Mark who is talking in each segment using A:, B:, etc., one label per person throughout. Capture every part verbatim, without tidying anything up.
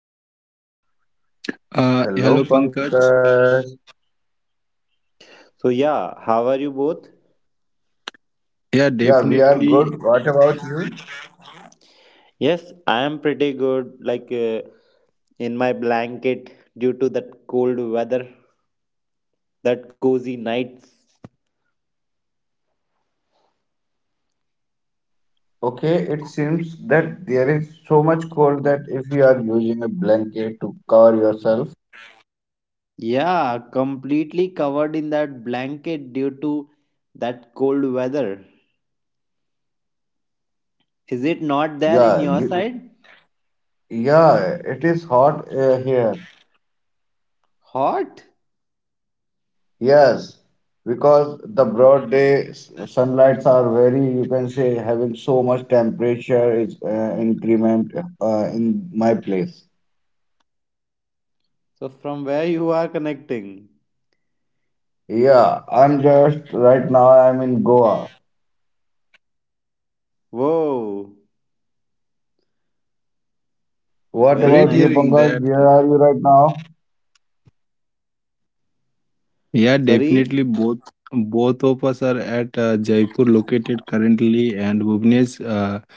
A: podcast.
B: Uh,
C: Hello,
B: hello, Pankaj.
C: Pankaj.
A: So, yeah, how are you both?
B: Yeah,
C: Yeah, we are good. What
B: definitely
C: about you?
A: Yes, I am pretty good, like uh, in my blanket due to that cold weather, that cozy nights.
C: Okay, it seems that there is so much cold that if you are using a blanket to cover yourself.
A: Yeah, completely covered in that blanket due to that cold weather. Is it not there in
C: yeah,
A: your
C: you,
A: side?
C: yeah, it is hot uh, here.
A: Hot?
C: Yes, because the broad day s- sunlights are very, you can say, having so much temperature is uh, increment uh, in my place.
A: So, from where you are connecting?
C: Yeah, I'm just right now I'm in Goa.
A: Whoa,
C: What
A: very
C: about
A: nice.
B: Great
C: you,
B: hearing
C: Pankaj?
B: that.
C: Where are you right now?
B: Yeah,
A: Sorry?
B: definitely both both of us are at uh, Jaipur located currently, and Bhuvnesh, uh,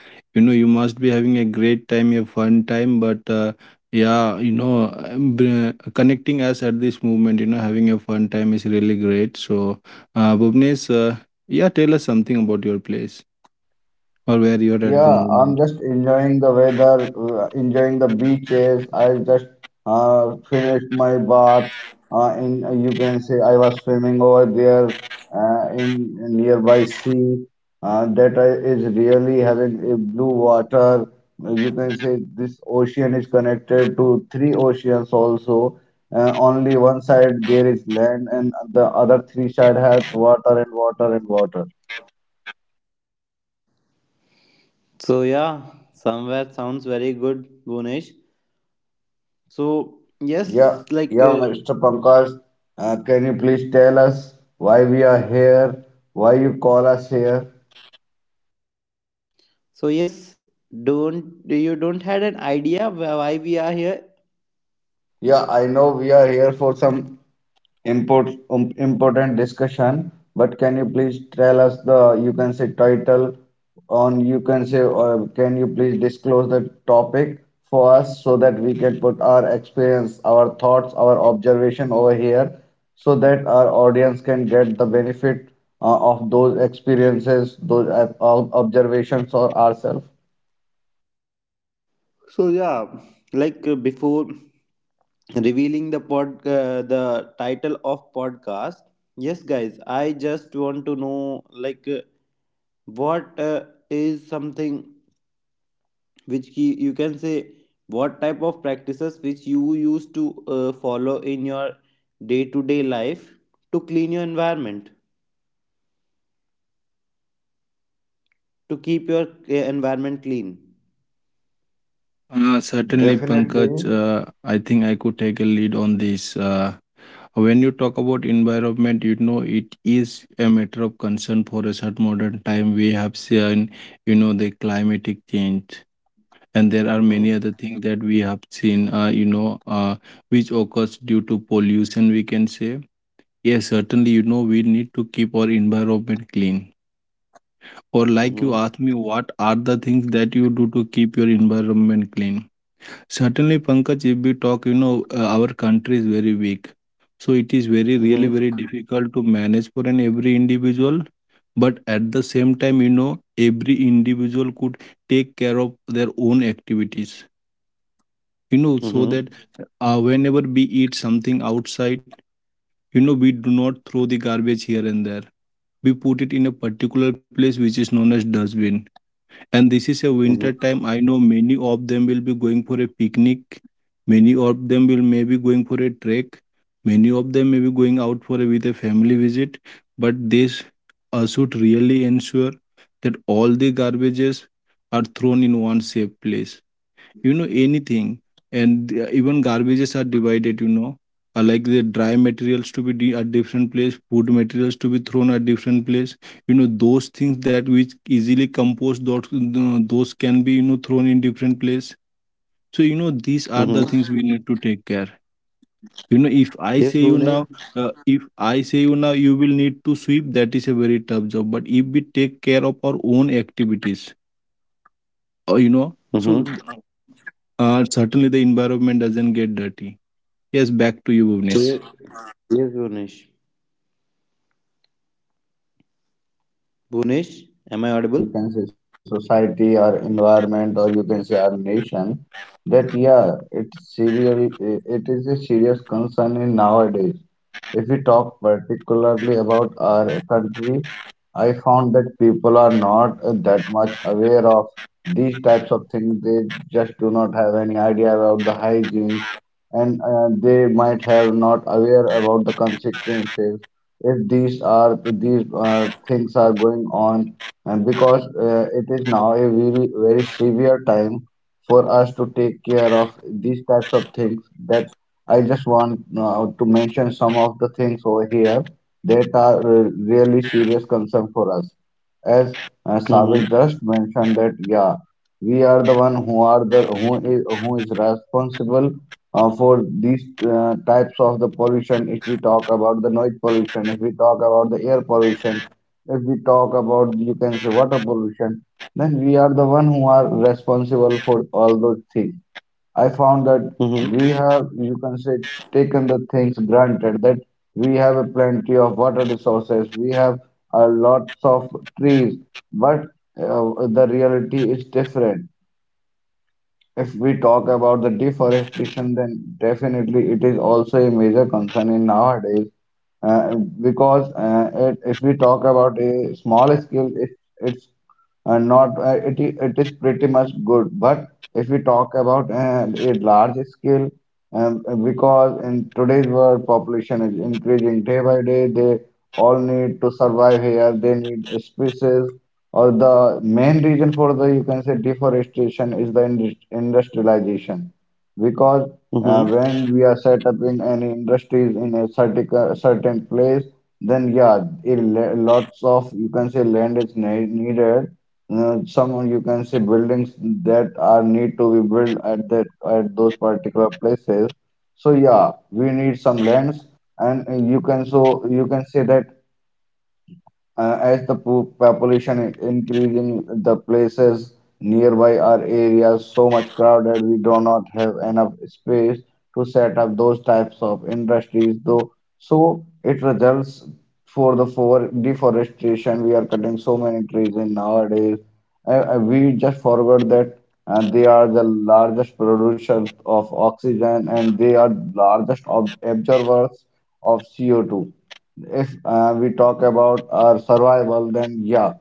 B: you know, you must be having a great time, a fun time. But uh, yeah, you know, um, br- connecting us at this moment, you know, having a fun time is really great. So, uh, Bhuvnesh, uh, yeah, tell us something about your place or where you're at
C: Yeah,
B: the
C: I'm just
B: moment.
C: enjoying the weather, uh, enjoying the beaches. I just uh, finished my bath. Uh, in uh, you can say I was swimming over there uh, in nearby sea. Uh, that I, is really having a blue water. Uh, You can say this ocean is connected to three oceans also. Uh, only one side there is land, and the other three side has water and water and water.
A: So yeah, somewhere sounds very good, Bhunesh. So
C: Yeah,
A: yes, like
C: yeah,
A: uh,
C: Mister Pankaj, uh, can you please tell us why we are here? Why you call us here?
A: so yes, don't you don't had an idea wh- why we are here?
C: Yeah, I know we are here for some import, um, important discussion. But can you please tell us the you can say title on you can say or can you please disclose the topic for us so that we can put our experience, our thoughts, our observation over here so that our audience can get the benefit uh, of those experiences, those uh, ob- observations or ourselves.
A: So yeah, like uh, before revealing the pod uh, the title of podcast. Yes, guys, I just want to know like uh, what uh, is something which ki you can say, what type of practices which you used to uh, follow in your day to day life, to clean your environment, to keep your uh, environment clean.
B: Uh, certainly,
C: Definitely.
B: Pankaj, uh, I think I could take a lead on this. Uh, when you talk about environment, you know, it is a matter of concern for a certain modern time. We have seen, you know, the climatic change, and there are
A: Mm-hmm.
B: many other things that we have seen, uh, you know, uh, which occurs due to pollution, we can say. Yes, certainly, you know, we need to keep our environment clean. Or like
A: Mm-hmm.
B: you asked me, what are the things that you do to keep your environment clean? Certainly, Pankaj, if we talk, you know, uh, our country is very weak. So it is very, really
A: Mm-hmm.
B: very difficult to manage for an every individual. But at the same time, you know, every individual could take care of their own activities, you know,
A: Mm-hmm.
B: so that uh, whenever we eat something outside, you know, we do not throw the garbage here and there. We put it in a particular place which is known as dustbin, and this is a
A: Mm-hmm.
B: winter time. I know many of them will be going for a picnic. Many of them will maybe going for a trek. Many of them may be going out for a, with a family visit. But this uh, should really ensure that all the garbages are thrown in one safe place, you know, anything. And uh, even garbages are divided, you know. Uh, like the dry materials to be de- at different place, food materials to be thrown at different place, you know, those things that which easily compose those, those can be, you know, thrown in different place. So you know these are the
A: Mm-hmm.
B: things we need to take care. You know, if I
A: Yes,
B: say you
A: Bhunesh.
B: now, uh, if I say you now, you will need to sweep, that is a very tough job. But if we take care of our own activities, uh, you know, so
A: Mm-hmm.
B: uh, certainly the environment doesn't get dirty. Yes, back to you,
A: So yes.
B: Bhuvnesh.
A: Yes, Bhunesh.
C: Yeah, if you are talking
A: bhunesh
C: about
A: am I
C: cleaning
A: audible?
C: or you can say society or environment or you can say our nation, that yeah, it's serial, it is a serious concern in nowadays. If we talk particularly about our country, I found that people are not uh, that much aware of these types of things. They just do not have any idea about the hygiene and uh, they might have not aware about the consequences if these are these uh, things are going on, and because uh, it is now a very very severe time for us to take care of these types of things. That I just want uh, to mention some of the things over here that are uh, really serious concern for us. As uh, Sabir
A: Mm-hmm.
C: just mentioned, that yeah, we are the one who are the who is who is responsible uh, for these uh, types of the pollution. If we talk about the noise pollution, if we talk about the air pollution, if we talk about you can say water pollution, then we are the one who are responsible for all those things. I found that
A: Mm-hmm.
C: we have, you can say, taken the things granted, that we have a plenty of water resources, we have a lots of trees, but uh, the reality is different. If we talk about the deforestation, then definitely it is also a major concern in nowadays. Uh, because uh, it, if we talk about a small scale, it, it's uh, not uh, it, I- it is pretty much good. But if we talk about uh, a large scale, um, because in today's world, population is increasing day by day. They all need to survive here. They need spaces. Or the main reason for the you can say deforestation is the indus- industrialization, because uh,
A: Mm-hmm.
C: when we are set up in any industries in a certain certain place, then yeah, it, le- lots of you can say land is ne- needed. Uh, some you can say buildings that are need to be built at that at those particular places. So yeah, we need some lands. And uh, you can so you can say that uh, as the po- population increasing, the places nearby are areas so much crowded, we do not have enough space to set up those types of industries. Though, so it results for the for deforestation. We are cutting so many trees in nowadays. Uh, uh, we just forgot that uh, they are the largest producer of oxygen and they are largest ob absorbers of C O two. If uh, we talk about our survival, then yeah,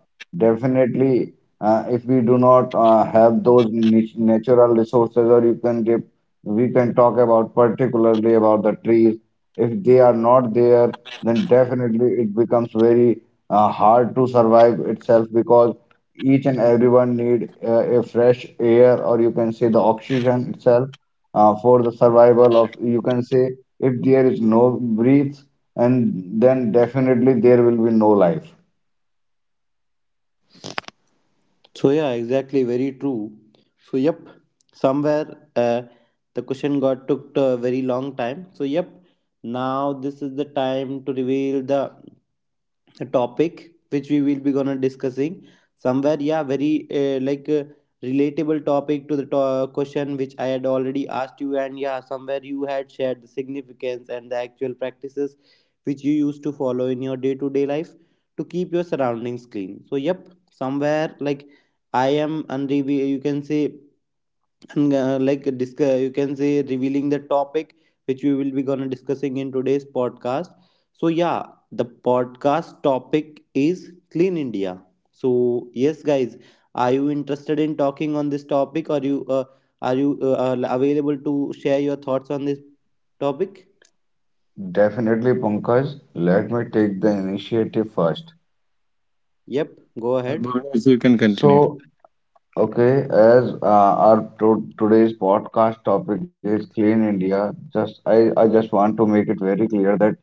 C: definitely. Uh, if we do not uh, have those nat- natural resources, or you can give, we can talk about particularly about the trees. If they are not there, then definitely it becomes very uh, hard to survive itself, because each and everyone need uh, a fresh air, or you can say the oxygen itself uh, for the survival of. You can say if there is no breath, and then definitely there will be no life.
A: So yeah, exactly, very true. So yep, somewhere uh, the question got took a very long time. So yep, now this is the time to reveal the topic which we will be gonna discussing, somewhere yeah very uh, like uh, relatable topic to the to- uh, question which I had already asked you, and yeah somewhere you had shared the significance and the actual practices which you used to follow in your day-to-day life to keep your surroundings clean. So yep, somewhere like I am unrevi you can say, and uh, like discuss you can say revealing the topic which we will be gonna discussing in today's podcast. So yeah, the podcast topic is Clean India. So yes guys, are you interested in talking on this topic, or you uh, are you uh, uh, available to share your thoughts on this topic?
C: Definitely, Pankaj, let me take the initiative first.
A: Yep, go ahead.
B: Uh, Bhuvnesh, you can continue.
C: So, okay, as uh, our to today's podcast topic is Clean India, just I, I just want to make it very clear that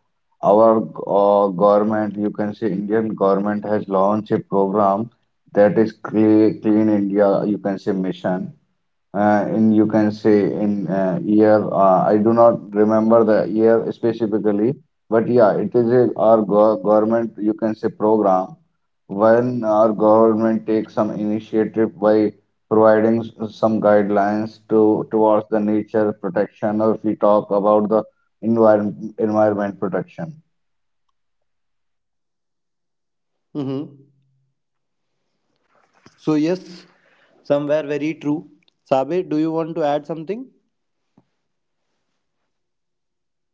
C: our uh, government, you can say Indian government, has launched a program, that is Cle Clean India, you can say, mission. Uh, in you can say in uh, year uh, I do not remember the year specifically, but yeah, it is a, our go- government you can say program, when our government takes some initiative by providing s- some guidelines to towards the nature protection, or if we talk about the environment environment protection.
A: Mm-hmm. So yes, somewhere very true. Sabe, do you want to add something?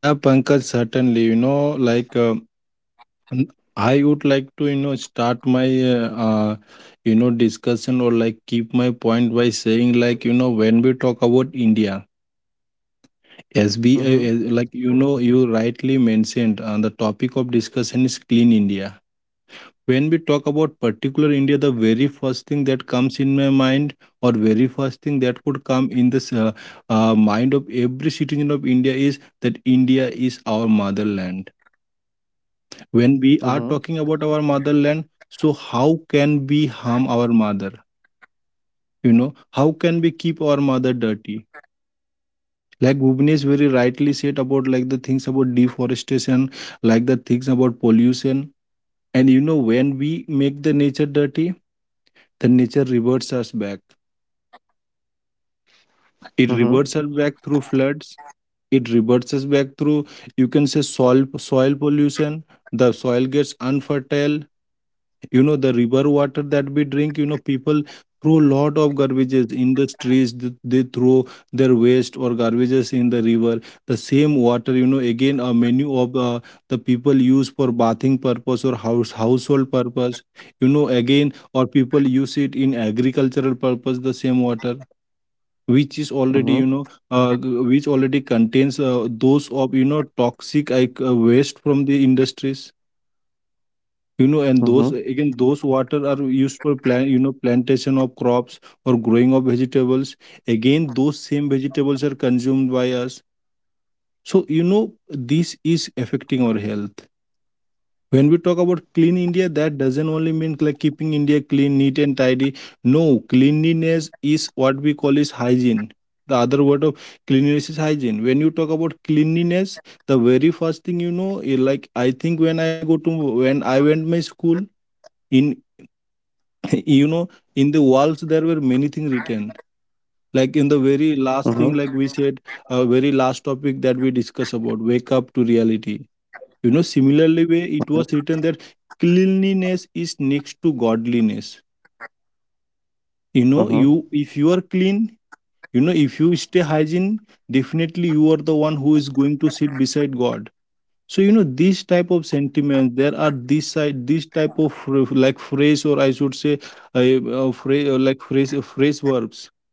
B: Yeah, Pankaj, certainly. You know, like uh, n- I would like to, you know, start my, uh, uh, you know, discussion or like keep my point by saying, like, you know, when we talk about India, as we,
A: Mm-hmm.
B: uh, uh, like, you know, you rightly mentioned, uh, the topic of discussion is Clean India. When we talk about particular India, the very first thing that comes in my mind, or very first thing that could come in the uh, uh, mind of every citizen of India is that India is our motherland. When we
A: Mm-hmm.
B: are talking about our motherland, so how can we harm our mother? You know, how can we keep our mother dirty? Like Bhuvnesh very rightly said about like the things about deforestation, like the things about pollution, and you know, when we make the nature dirty, the nature reverts us back. It
A: Mm-hmm.
B: reverts us back through floods. It reverts us back through, you can say, soil soil pollution. The soil gets unfertile. You know, the river water that we drink, you know, people throw lot of garbages in the streets. Th- they throw their waste or garbages in the river. The same water, you know, again a menu of uh, the people use for bathing purpose or house household purpose. You know, again, or people use it in agricultural purpose, the same water which is already,
A: Mm-hmm.
B: you know uh, g- which already contains uh, those of, you know, toxic like uh, waste from the industries. You know, and
A: Mm-hmm.
B: those again, those water are used for plant, you know, plantation of crops or growing of vegetables. Again, those same vegetables are consumed by us. So you know this is affecting our health. When we talk about clean India, that doesn't only mean like keeping India clean, neat and tidy. No. Cleanliness is what we call is hygiene. The other word of cleanliness is hygiene. When you talk about cleanliness, the very first thing, you know eh, like I think when I go to, when I went my school in you know, in the walls there were many things written. Like in the very
A: Mm-hmm.
B: last thing like we said, uh, very last topic that we discuss about, wake up to reality. You know, similarly way it was written that cleanliness is next to godliness. You know,
A: Mm-hmm.
B: you if you are clean, you know, if you stay hygiene, definitely you are the one who is going to sit beside God. So you know, these type of sentiments, there are this side, this type of phr- like phrase, or I should say, uh, uh, phrase uh, like phrase uh, phrase verbs.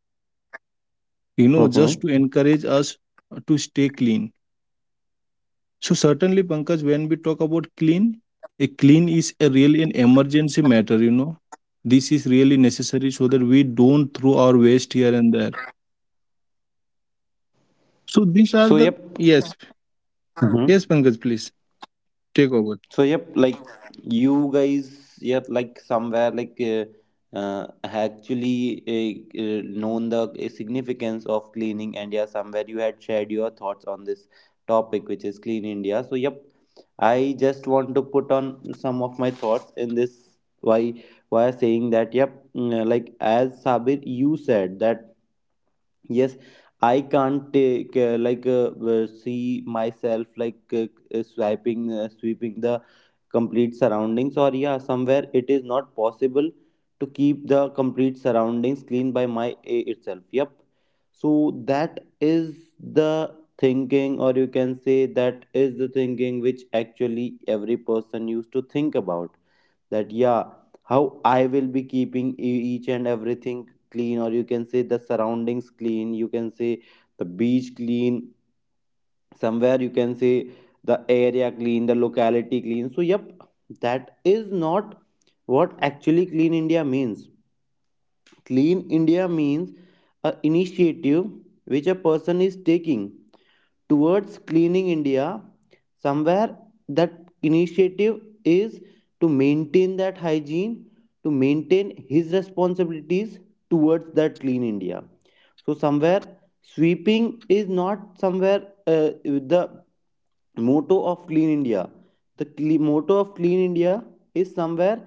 B: You know,
A: Mm-hmm.
B: just to encourage us to stay clean. So certainly, Pankaj, when we talk about clean, a clean is a really an emergency matter. You know, this is really necessary so that we don't throw our waste here and there. So these
A: So
B: are
A: yep.
B: the, yes,
A: Mm-hmm.
B: yes, Pankaj, please take over.
A: So yep, like you guys, yep, like somewhere like uh, uh, actually uh, uh, known the uh, significance of cleaning India. Somewhere you had shared your thoughts on this topic, which is Clean India. So yep, I just want to put on some of my thoughts in this. Why? Why saying that? Yep, mm, like as Sabir, you said that. Yes, I can't take uh, like uh, uh, see myself like uh, uh, swiping uh, sweeping the complete surroundings, or yeah somewhere it is not possible to keep the complete surroundings clean by my a itself. Yep, so that is the thinking, or you can say that is the thinking which actually every person used to think about, that yeah how I will be keeping e- each and everything clean, or you can say the surroundings clean, you can say the beach clean, somewhere you can say the area clean, the locality clean. So yep, that is not what actually Clean India means. Clean India means a initiative which a person is taking towards cleaning India. Somewhere that initiative is to maintain that hygiene, to maintain his responsibilities towards that Clean India. So somewhere sweeping is not somewhere uh, the motto of Clean India. The cle- motto of Clean India is somewhere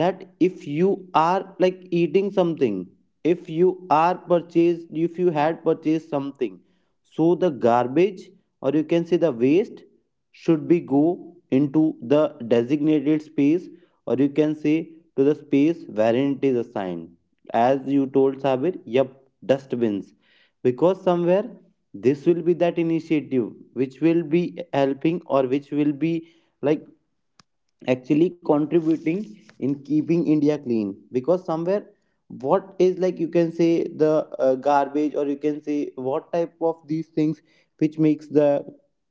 A: that, if you are like eating something, if you are purchased if you had purchased something, so the garbage or you can say the waste should be go into the designated space, or you can say to the space wherein it is assigned, as you told Sabir, yep, dustbins. Because somewhere this will be that initiative which will be helping or which will be like actually contributing in keeping India clean. Because somewhere what is like you can say the uh, garbage, or you can say what type of these things which makes the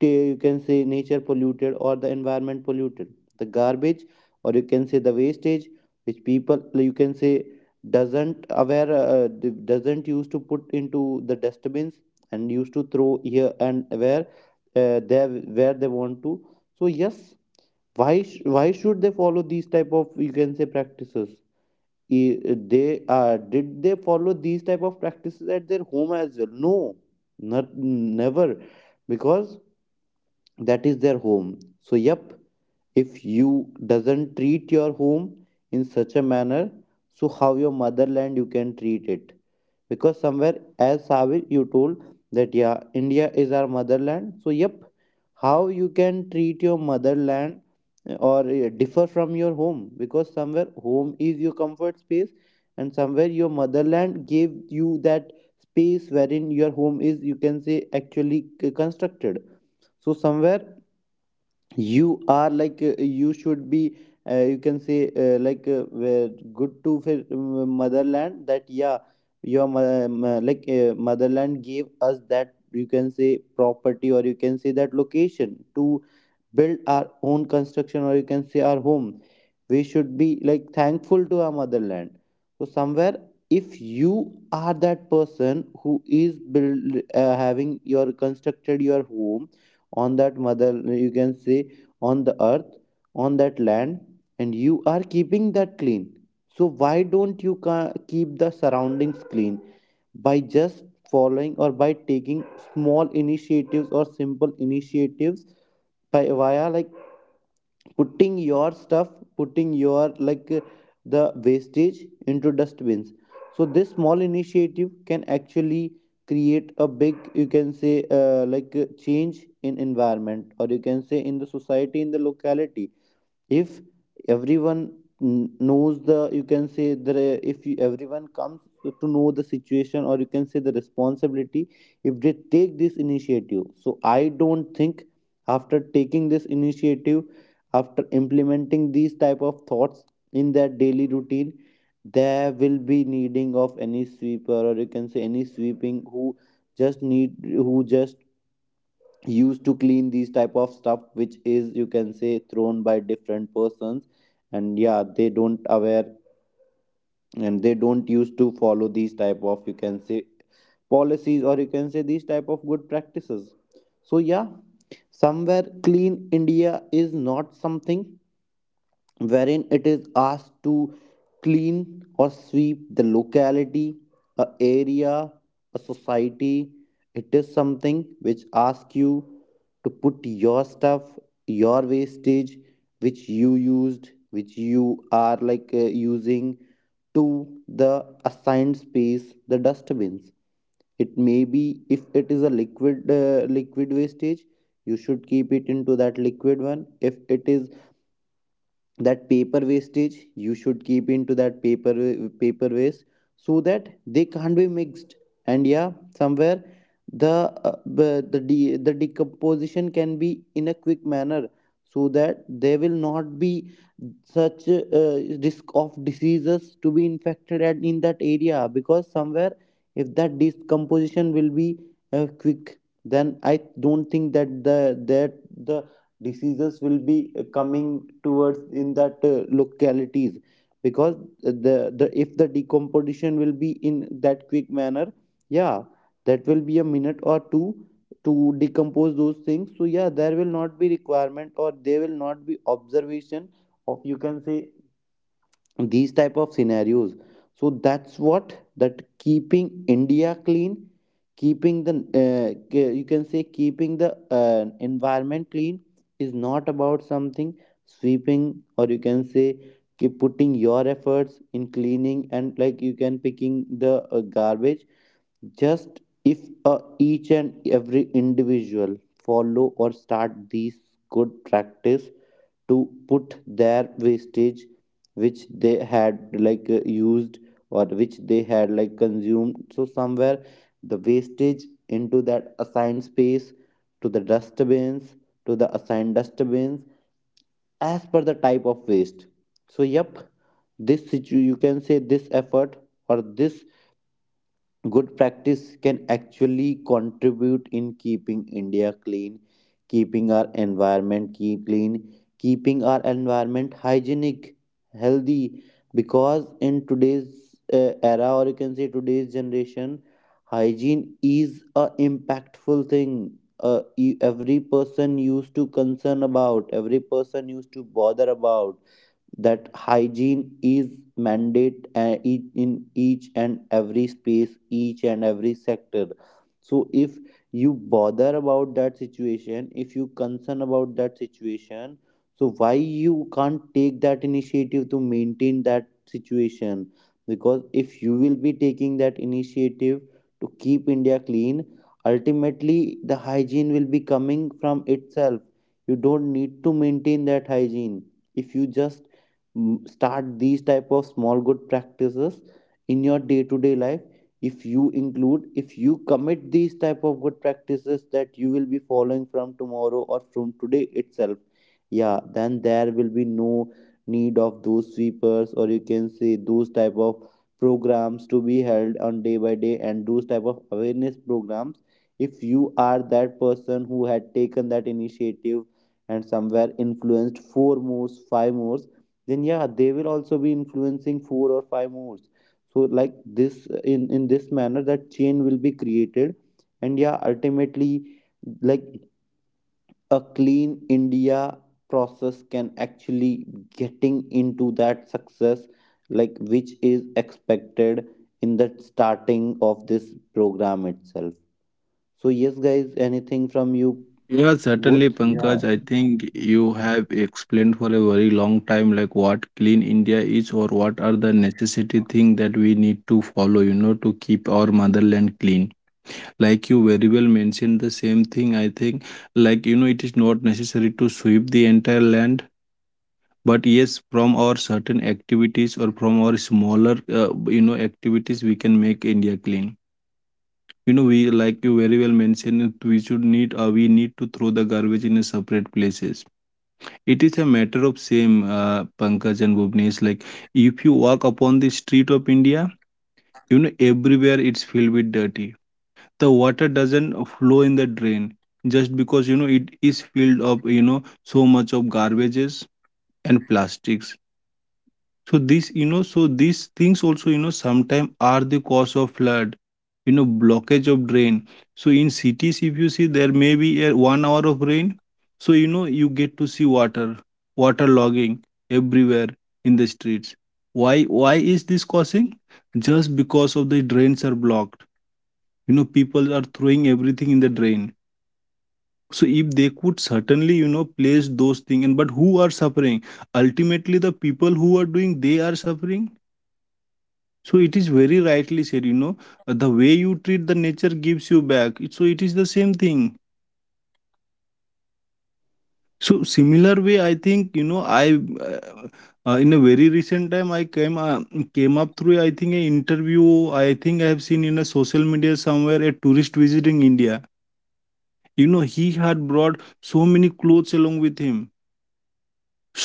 A: ta- you can say nature polluted or the environment polluted, the garbage or you can say the wastage which people you can say doesn't aware uh, d- doesn't used to put into the dustbins and used to throw here and where uh, there, where they want to. So yes, why sh- why should they follow these type of you can say practices? I- they uh, did they follow these type of practices at their home as well? No, not never. Because that is their home. So yep, if you doesn't treat your home in such a manner, so how your motherland you can treat it? Because somewhere as Savir you told that yeah India is our motherland, so yep how you can treat your motherland eh, or uh, differ from your home? Because somewhere home is your comfort space, and somewhere your motherland gave you that space wherein your home is you can say actually c- constructed. So somewhere you are like uh, you should be uh, you can say uh, like uh, were good to fi- motherland, that yeah your mo- mo- like uh, motherland gave us that you can say property, or you can say that location to build our own construction, or you can say our home. We should be like thankful to our motherland. So somewhere, if you are that person who is build uh, having your constructed your home on that mother you can say, on the earth, on that land, and you are keeping that clean, so why don't you ca- keep the surroundings clean? By just following or by taking small initiatives or simple initiatives, by via like putting your stuff, putting your like uh, the wastage into dustbins. So, this small initiative can actually create a big you can say uh, like uh, change in environment, or you can say in the society, in the locality. If everyone kn- knows the you can say the if you, everyone comes to know the situation, or you can say the responsibility, if they take this initiative, so I don't think after taking this initiative, after implementing these type of thoughts in their daily routine, there will be needing of any sweeper, or you can say any sweeping who just need who just used to clean these type of stuff which is you can say thrown by different persons, and yeah they don't aware and they don't used to follow these type of you can say policies, or you can say these type of good practices. So yeah, somewhere Clean India is not something wherein it is asked to clean or sweep the locality, a area, a society. It is something which asks you to put your stuff, your wastage, which you used, which you are like uh, using to the assigned space, the dustbins. It may be if it is a liquid uh, liquid wastage, you should keep it into that liquid one. If it is that paper wastage, you should keep into that paper wa- paper waste, so that they can't be mixed. And yeah, somewhere the uh, b- the de- the decomposition can be in a quick manner, so that there will not be such uh, risk of diseases to be infected at in that area. Because somewhere if that decomposition will be uh, quick, then I don't think that the that the diseases will be uh, coming towards in that uh, localities. Because the, the if the decomposition will be in that quick manner, yeah, that will be a minute or two to decompose those things, so yeah there will not be requirement or there will not be observation of you can say these type of scenarios. So that's what, that keeping India clean, keeping the uh, k- you can say keeping the uh, environment clean, is not about something sweeping, or you can say keep putting your efforts in cleaning and like you can picking the uh, garbage. Just if uh, each and every individual follow or start these good practice to put their wastage which they had like uh, used or which they had like consumed, so somewhere the wastage into that assigned space, to the dustbins, to the assigned dustbins, as per the type of waste. So yep, this situ- you can say this effort, or this good practice, can actually contribute in keeping India clean, keeping our environment keep clean, keeping our environment hygienic, healthy. Because in today's uh, era, or you can say today's generation, hygiene is a impactful thing. Uh, e- every person used to concern about, every person used to bother about that hygiene is mandate uh, ea- in each and every space, each and every sector. So if you bother about that situation, if you concern about that situation, so why you can't take that initiative to maintain that situation? Because if you will be taking that initiative to keep India clean, ultimately the hygiene will be coming from itself. You don't need to maintain that hygiene if you just m- start these type of small good practices in your day to day life. If you include, if you commit these type of good practices that you will be following from tomorrow or from today itself, yeah then there will be no need of those sweepers, or you can say those type of programs to be held on day by day, and those type of awareness programs. If you are that person who had taken that initiative and somewhere influenced four more, five more, then yeah they will also be influencing four or five more. So like this, in in this manner that chain will be created, and yeah ultimately like a Clean India process can actually getting into that success, like which is expected in the starting of this program itself. So yes guys, anything from you
B: Yeah,
A: both?
B: certainly,
C: Yeah.
B: Pankaj. I think you have explained for a very long time, like what Clean India is or what are the necessity thing that we need to follow, you know, to keep our motherland clean. Like you very well mentioned the same thing, I think, like you know, it is not necessary to sweep the entire land. But yes, from our certain activities or from our smaller uh, you know activities, we can make India clean. You know, we, like you very well mentioned it, we should need uh, we need to throw the garbage in a separate places. It is a matter of same, uh, Pankaj and Bhuvnesh, like if you walk upon the street of India, you know everywhere it's filled with dirty. The water doesn't flow in the drain just because, you know, it is filled up, you know, so much of garbages and plastics. So this, you know, so these things also, you know, sometimes are the cause of flood, you know, blockage of drain. So in cities, if you see, there may be a one hour of rain, so you know you get to see water, water logging everywhere in the streets. Why? Why is this causing? Just because of the drains are blocked. You know, people are throwing everything in the drain. So if they could certainly, you know, place those things, and but who are suffering? Ultimately the people who are doing, they are suffering. So it is very rightly said, you know, uh, the way you treat the nature gives you back. It- so it is the same thing. So similar way, I think, you know, I uh, uh, in a very recent time I came uh, came up through, I think, an interview. I think I have seen in a social media somewhere a tourist visiting India. You know, he had brought so many clothes along with him,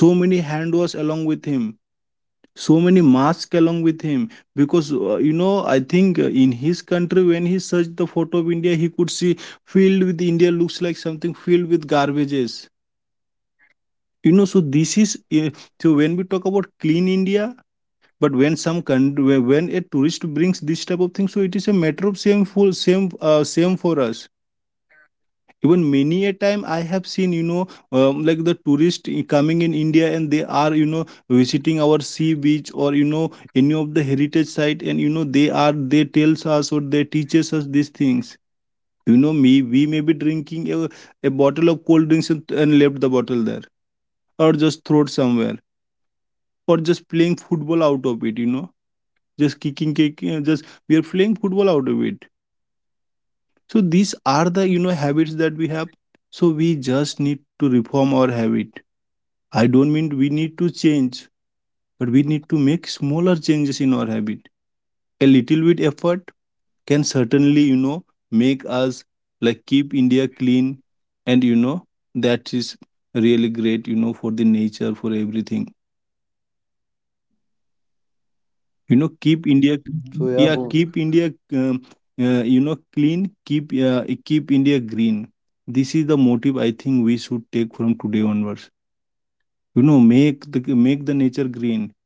B: so many hand was along with him, so many masks along with him, because uh, you know, I think uh, in his country when he searched the photo of India he could see filled with, India looks like something filled with garbages. You know, so this is uh, so when we talk about clean India, but when some country, when a tourist brings this type of thing, so it is a matter of same full same uh, same for us. Even many a time I have seen, you know, um, like the tourist i- coming in India, and they are, you know, visiting our sea beach, or you know, any of the heritage site, and you know, they are, they tells us or they teaches us these things. You know, me, we may be drinking a, a bottle of cold drinks, and and left the bottle there, or just throw it somewhere, or just playing football out of it, you know, just kicking kicking uh, just we are playing football out of it. So these are the, you know, habits that we have. So we just need to reform our habit. I don't mean we need to change, but we need to make smaller changes in our habit. A little bit effort can certainly, you know, make us like keep India clean, and you know that is really great, you know, for the nature, for everything. You know, keep India,
A: So yeah, Bu-
B: yeah, keep India, um, uh, you know, clean. Keep, uh, keep India green. This is the motive I think we should take from today onwards. You know, make the make the nature green,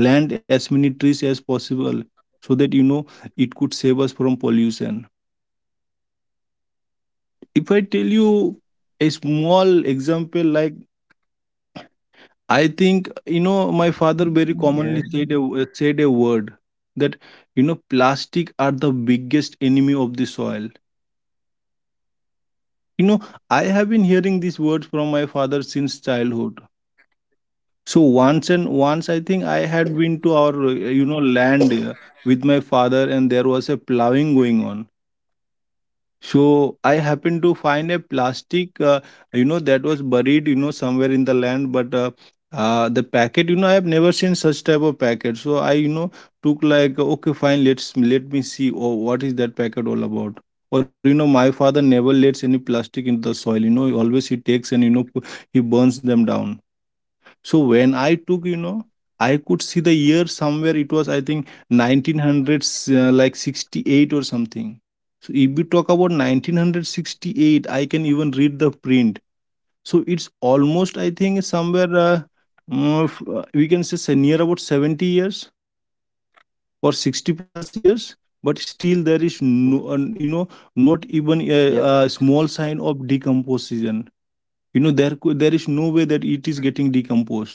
B: plant as many trees as possible so that you know it could save us from pollution. If I tell you a small example, like I think you know my father very
C: Yes.
B: commonly said a, said a word that, you know plastic are the biggest enemy of the soil. you know I have been hearing these words from my father since childhood. So once and once, i think I had been to our uh, you know land uh, with my father, and there was a plowing going on. So I happened to find a plastic, uh, you know, that was buried, you know, somewhere in the land. But uh, uh, the packet, you know, I have never seen such type of packet. So I, you know, took like, okay, fine, let's let me see. Oh, what is that packet all about? Or you know, my father never lets any plastic into the soil. You know, always he takes and you know pu- he burns them down. So when I took, you know, I could see the year somewhere. It was, I think, nineteen hundreds, uh, like sixty-eight or something. So if we talk about nineteen sixty-eight, I can even read the print. So it's almost, I think, somewhere uh, mm, f- uh, we can say say near about seventy years or sixty plus years. But still, there is no, uh,
A: yep.
B: you know, not even a, a small sign of decomposition. You know, there cou- there is no way that it is getting decomposed.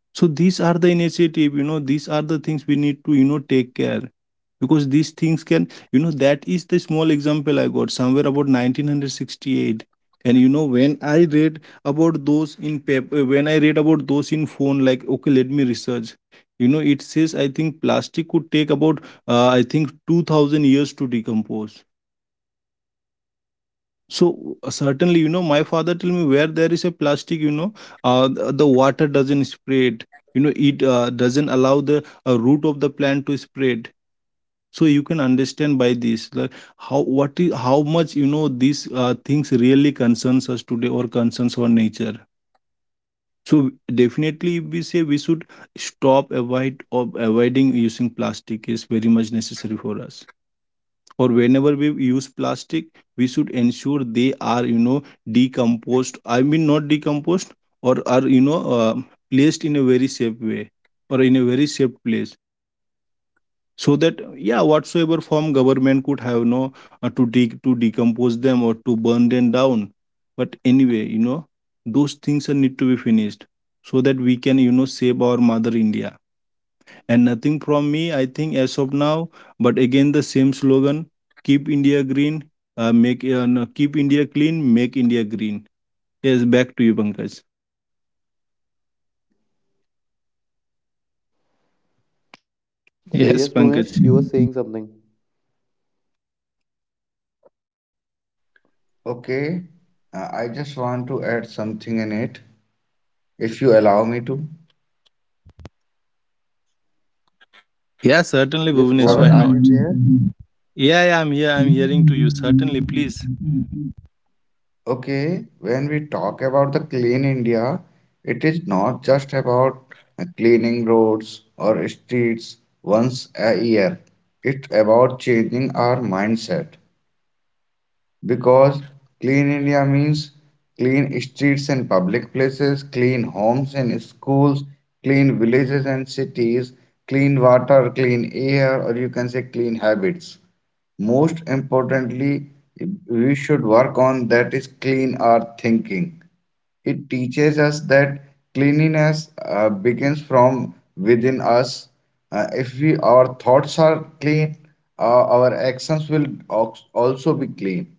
B: So these are the initiative, you know, these are the things we need to, you know, take care, because these things can, you know, that is the small example I got somewhere about nineteen sixty-eight. And you know, when I read about those in paper, when I read about those in phone, like, okay, let me research. You know, it says, I think, plastic could take about, uh, I think, two thousand years to decompose. So uh, certainly, you know, my father tell me where there is a plastic, you know, uh, the, the water doesn't spread. You know, it uh, doesn't allow the uh, root of the plant to spread. So you can understand by this like how what is how much, you know these uh, things really concerns us today or concerns our nature. So definitely, we say we should stop avoid or avoiding using plastic is very much necessary for us. Or whenever we use plastic, we should ensure they are, you know decomposed I mean not decomposed, or are, you know uh, placed in a very safe way or in a very safe place, so that, yeah, whatsoever form government could have, no, uh, to de- to decompose them or to burn them down. But anyway, you know those things are need to be finished so that we can, you know save our Mother India. And nothing from me, I think, as of now. But again, the same slogan, keep India green, uh, make uh, no, keep India clean, make India green. Yes, back to you, Pankaj.
A: So yes, Bhunesh, you were saying something.
B: Yes, Pankaj.
C: Okay. Uh, I just want to add something in it if you allow me to.
A: Yes, go ahead.
B: Yeah, certainly, Bhuvnesh, why
C: Shabir, are you
B: not?
C: there?
B: Yeah, yeah, I'm here. I'm hearing to you. Certainly, please.
C: Okay, when we talk about the clean India, it is not just about cleaning roads or streets once a year. It's about changing our mindset, because clean India means clean streets and public places, clean homes and schools, clean villages and cities, clean water, clean air, or you can say clean habits. Most importantly, we should work on that is clean our thinking. It teaches us that cleanliness uh, begins from within us. Uh, if we our thoughts are clean, uh, our actions will ox- also be clean.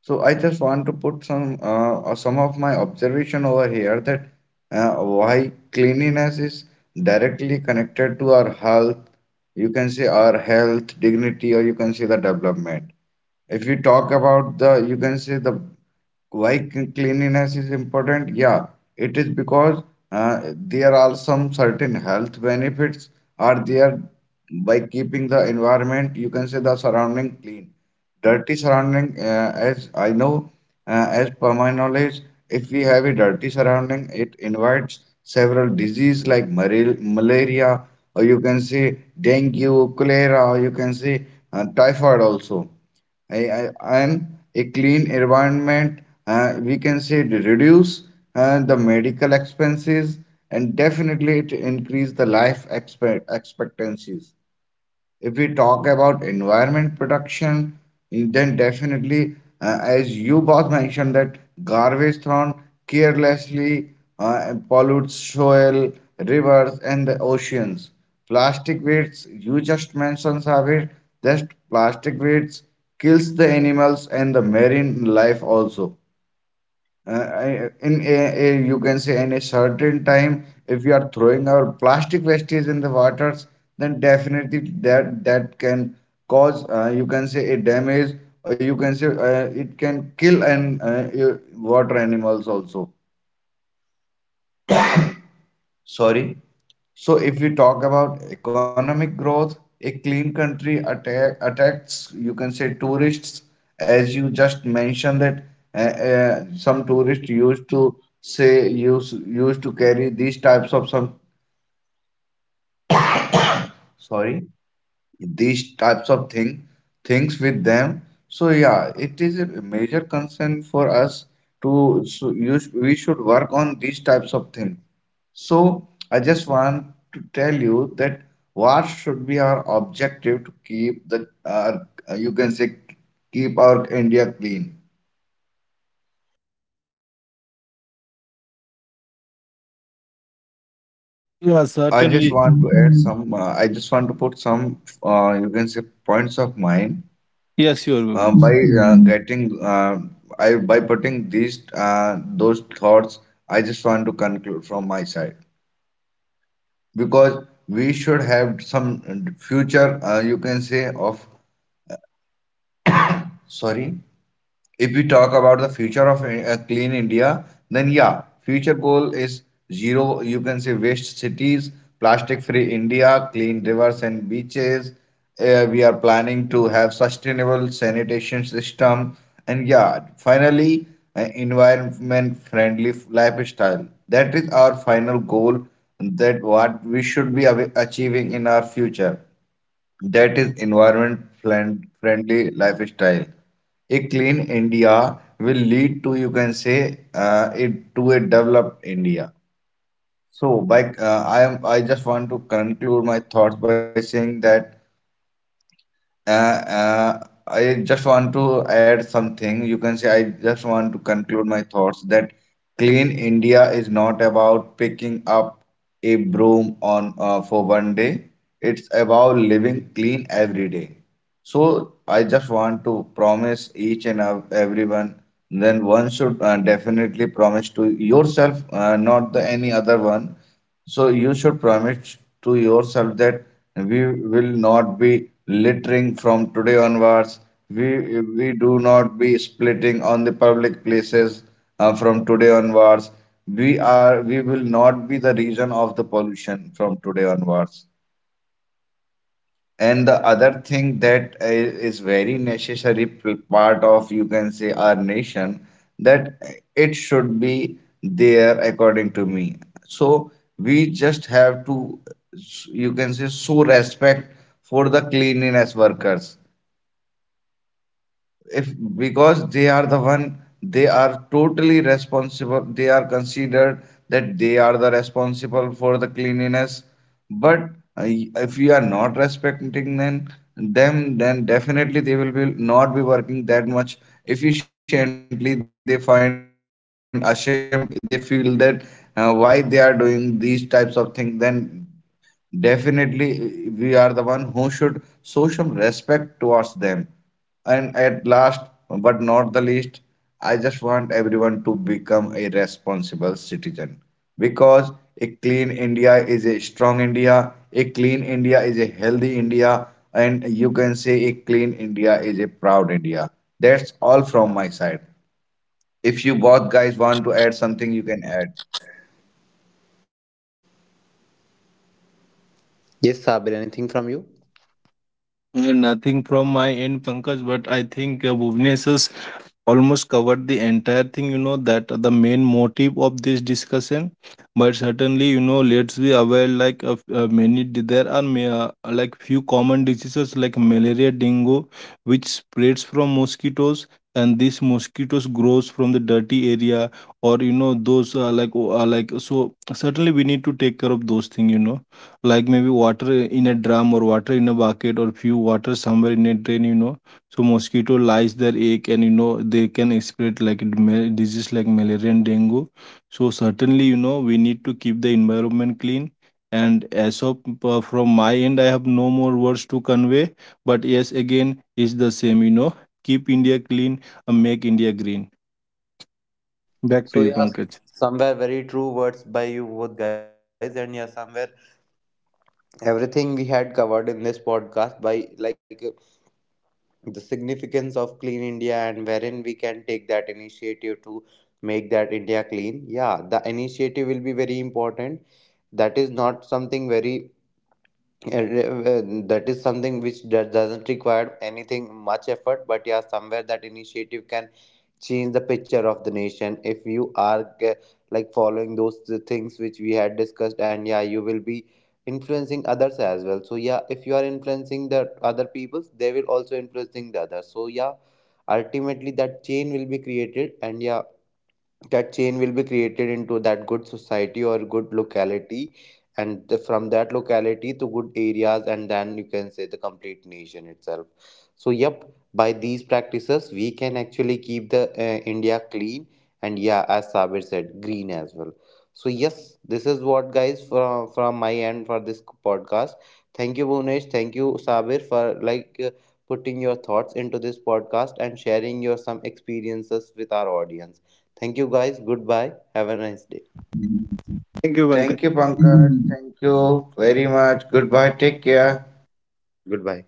C: So I just want to put some uh, uh, some of my observation over here, that uh, why cleanliness is directly connected to our health. You can say our health, dignity, or you can say the development. If you talk about the, you can say, the why cl- cleanliness is important? Yeah, it is because uh, there are some certain health benefits are there by keeping the environment, you can say, the surrounding clean. Dirty surrounding, uh, as I know, uh, as per my knowledge, if we have a dirty surrounding, it invites several disease like mara- malaria, or you can say dengue, cholera, or you can say uh, typhoid also. I, I, and a clean environment, uh, we can say, it reduce uh, the medical expenses, and definitely it increase the life expect expectancies. If we talk about environment production, then definitely, uh, as you both mentioned, that garbage thrown carelessly uh, pollutes soil, rivers, and the oceans. Plastic waste, you just mentioned, Sabir, just plastic waste kills the animals and the marine life also. Uh, I- in a, a- you can say, in a certain time, if we are throwing our plastic wastage in the waters, then definitely that that can cause uh, you can say a damage, or you can say uh, it can kill and uh, uh, water animals also. Sorry. So if we talk about economic growth, a clean country attack, attracts, you can say, tourists, as you just mentioned, that uh, uh, some tourists used to say use used to carry these types of some. Sorry. These types of thing things with them. So yeah, it is a major concern for us to, so you, sh- we should work on these types of things. So I just want to tell you that what should be our objective to keep the our, you can say, keep our India clean.
B: Yeah,
C: I just
B: certainly.
C: want to add some uh, I just want to put some uh, you can say, points of mine.
B: Yes, sure,
C: uh, by
B: Bhuvnesh.
C: uh, getting uh, I by putting these uh, those thoughts, I just want to conclude from my side, because we should have some future. Uh, you can say of. Sorry. If we talk about the future of uh, clean India, then yeah, future goal is zero you can say waste cities, plastic free India, clean rivers and beaches. Uh, we are planning to have sustainable sanitation system, and yeah, finally, uh, environment friendly lifestyle. That is our final goal, that what we should be av- achieving in our future, that is environment friend- friendly lifestyle. A clean India will lead to, you can say, uh, it to a developed India. So, by uh, I am I just want to conclude my thoughts by saying that uh, uh, I just want to add something. You can say, I just want to conclude my thoughts, that clean India is not about picking up a broom on uh, for one day. It's about living clean every day. So I just want to promise each and ev- everyone. Then one should uh, definitely promise to yourself, uh, not the any other one, so you should promise to yourself that we will not be littering from today onwards. We we do not be splitting on the public places uh, from today onwards. We are we will not be the reason of the pollution from today onwards. And the other thing that i- is very necessary p- part of, you can say, our nation, that it should be there, according to me. So we just have to, you can say, show respect for the cleanliness workers. If because they are the one, they are totally responsible, they are considered that they are the responsible for the cleanliness, but uh, if you are not respecting them them, then definitely they will be not be working that much efficiently, they find ashamed, they feel that uh, why they are doing these types of things. Then definitely we are the one who should show some respect towards them. And at last, but not the least, I just want everyone to become a responsible citizen. Because a clean India is a strong India, a clean India is a healthy India, and you can say a clean India is a proud India. That's all from my side. If you both guys want to add something, you can add.
D: Yes, Sabir, anything from you?
B: Uh, nothing from my end, Pankaj, but I think uh, Bhuvnesh's almost covered the entire thing, you know, that the main motive of this discussion. But certainly, you know, let's be aware like of uh, many di- there are may, uh, like few common diseases like malaria, dengue, which spreads from mosquitoes. And these mosquitoes grows from the dirty area, or, you know, those uh, like o- uh, like, so certainly we need to take care of those things, you know, like maybe water in a drum or water in a bucket or few water somewhere in a drain, you know. So mosquito lies their egg, and, you know, they can spread like d- ma- disease like malaria and dengue. So certainly, you know, we need to keep the environment clean. And as of uh, from my end, I have no more words to convey. But yes, again, it's the same. You know, keep India clean and make India green. Back to
D: So,
B: you,
D: yeah,
B: Pankaj.
D: somewhere very true words by you both guys, and yeah, somewhere everything we had covered in this podcast by like uh, the significance of Clean India, and wherein we can take that initiative to make that India clean. Yeah, the initiative will be very important. That is not something very uh, uh, that is something which do- doesn't require anything much effort, but yeah, somewhere that initiative can change the picture of the nation if you are ge- like following those th- things which we had discussed, and yeah, you will be influencing others as well. So yeah, if you are influencing the other peoples, they will also influencing the others, so yeah, ultimately that chain will be created, and yeah, that chain will be created into that good society or good locality, and the, from that locality to good areas, and then you can say the complete nation itself. So yep, by these practices we can actually keep the uh, India clean, and yeah, as Sabir said, green as well. So yes, this is what, guys, from from my end for this podcast. Thank you, Bhunesh, thank you, Sabir, for like uh, putting your thoughts into this podcast and sharing your some experiences with our audience. Thank you, guys. Goodbye. Have a nice day.
B: Thank you,
C: Thank you,
B: Pankaj.
C: Pankaj. Thank you very much. Goodbye. Take care.
D: Goodbye.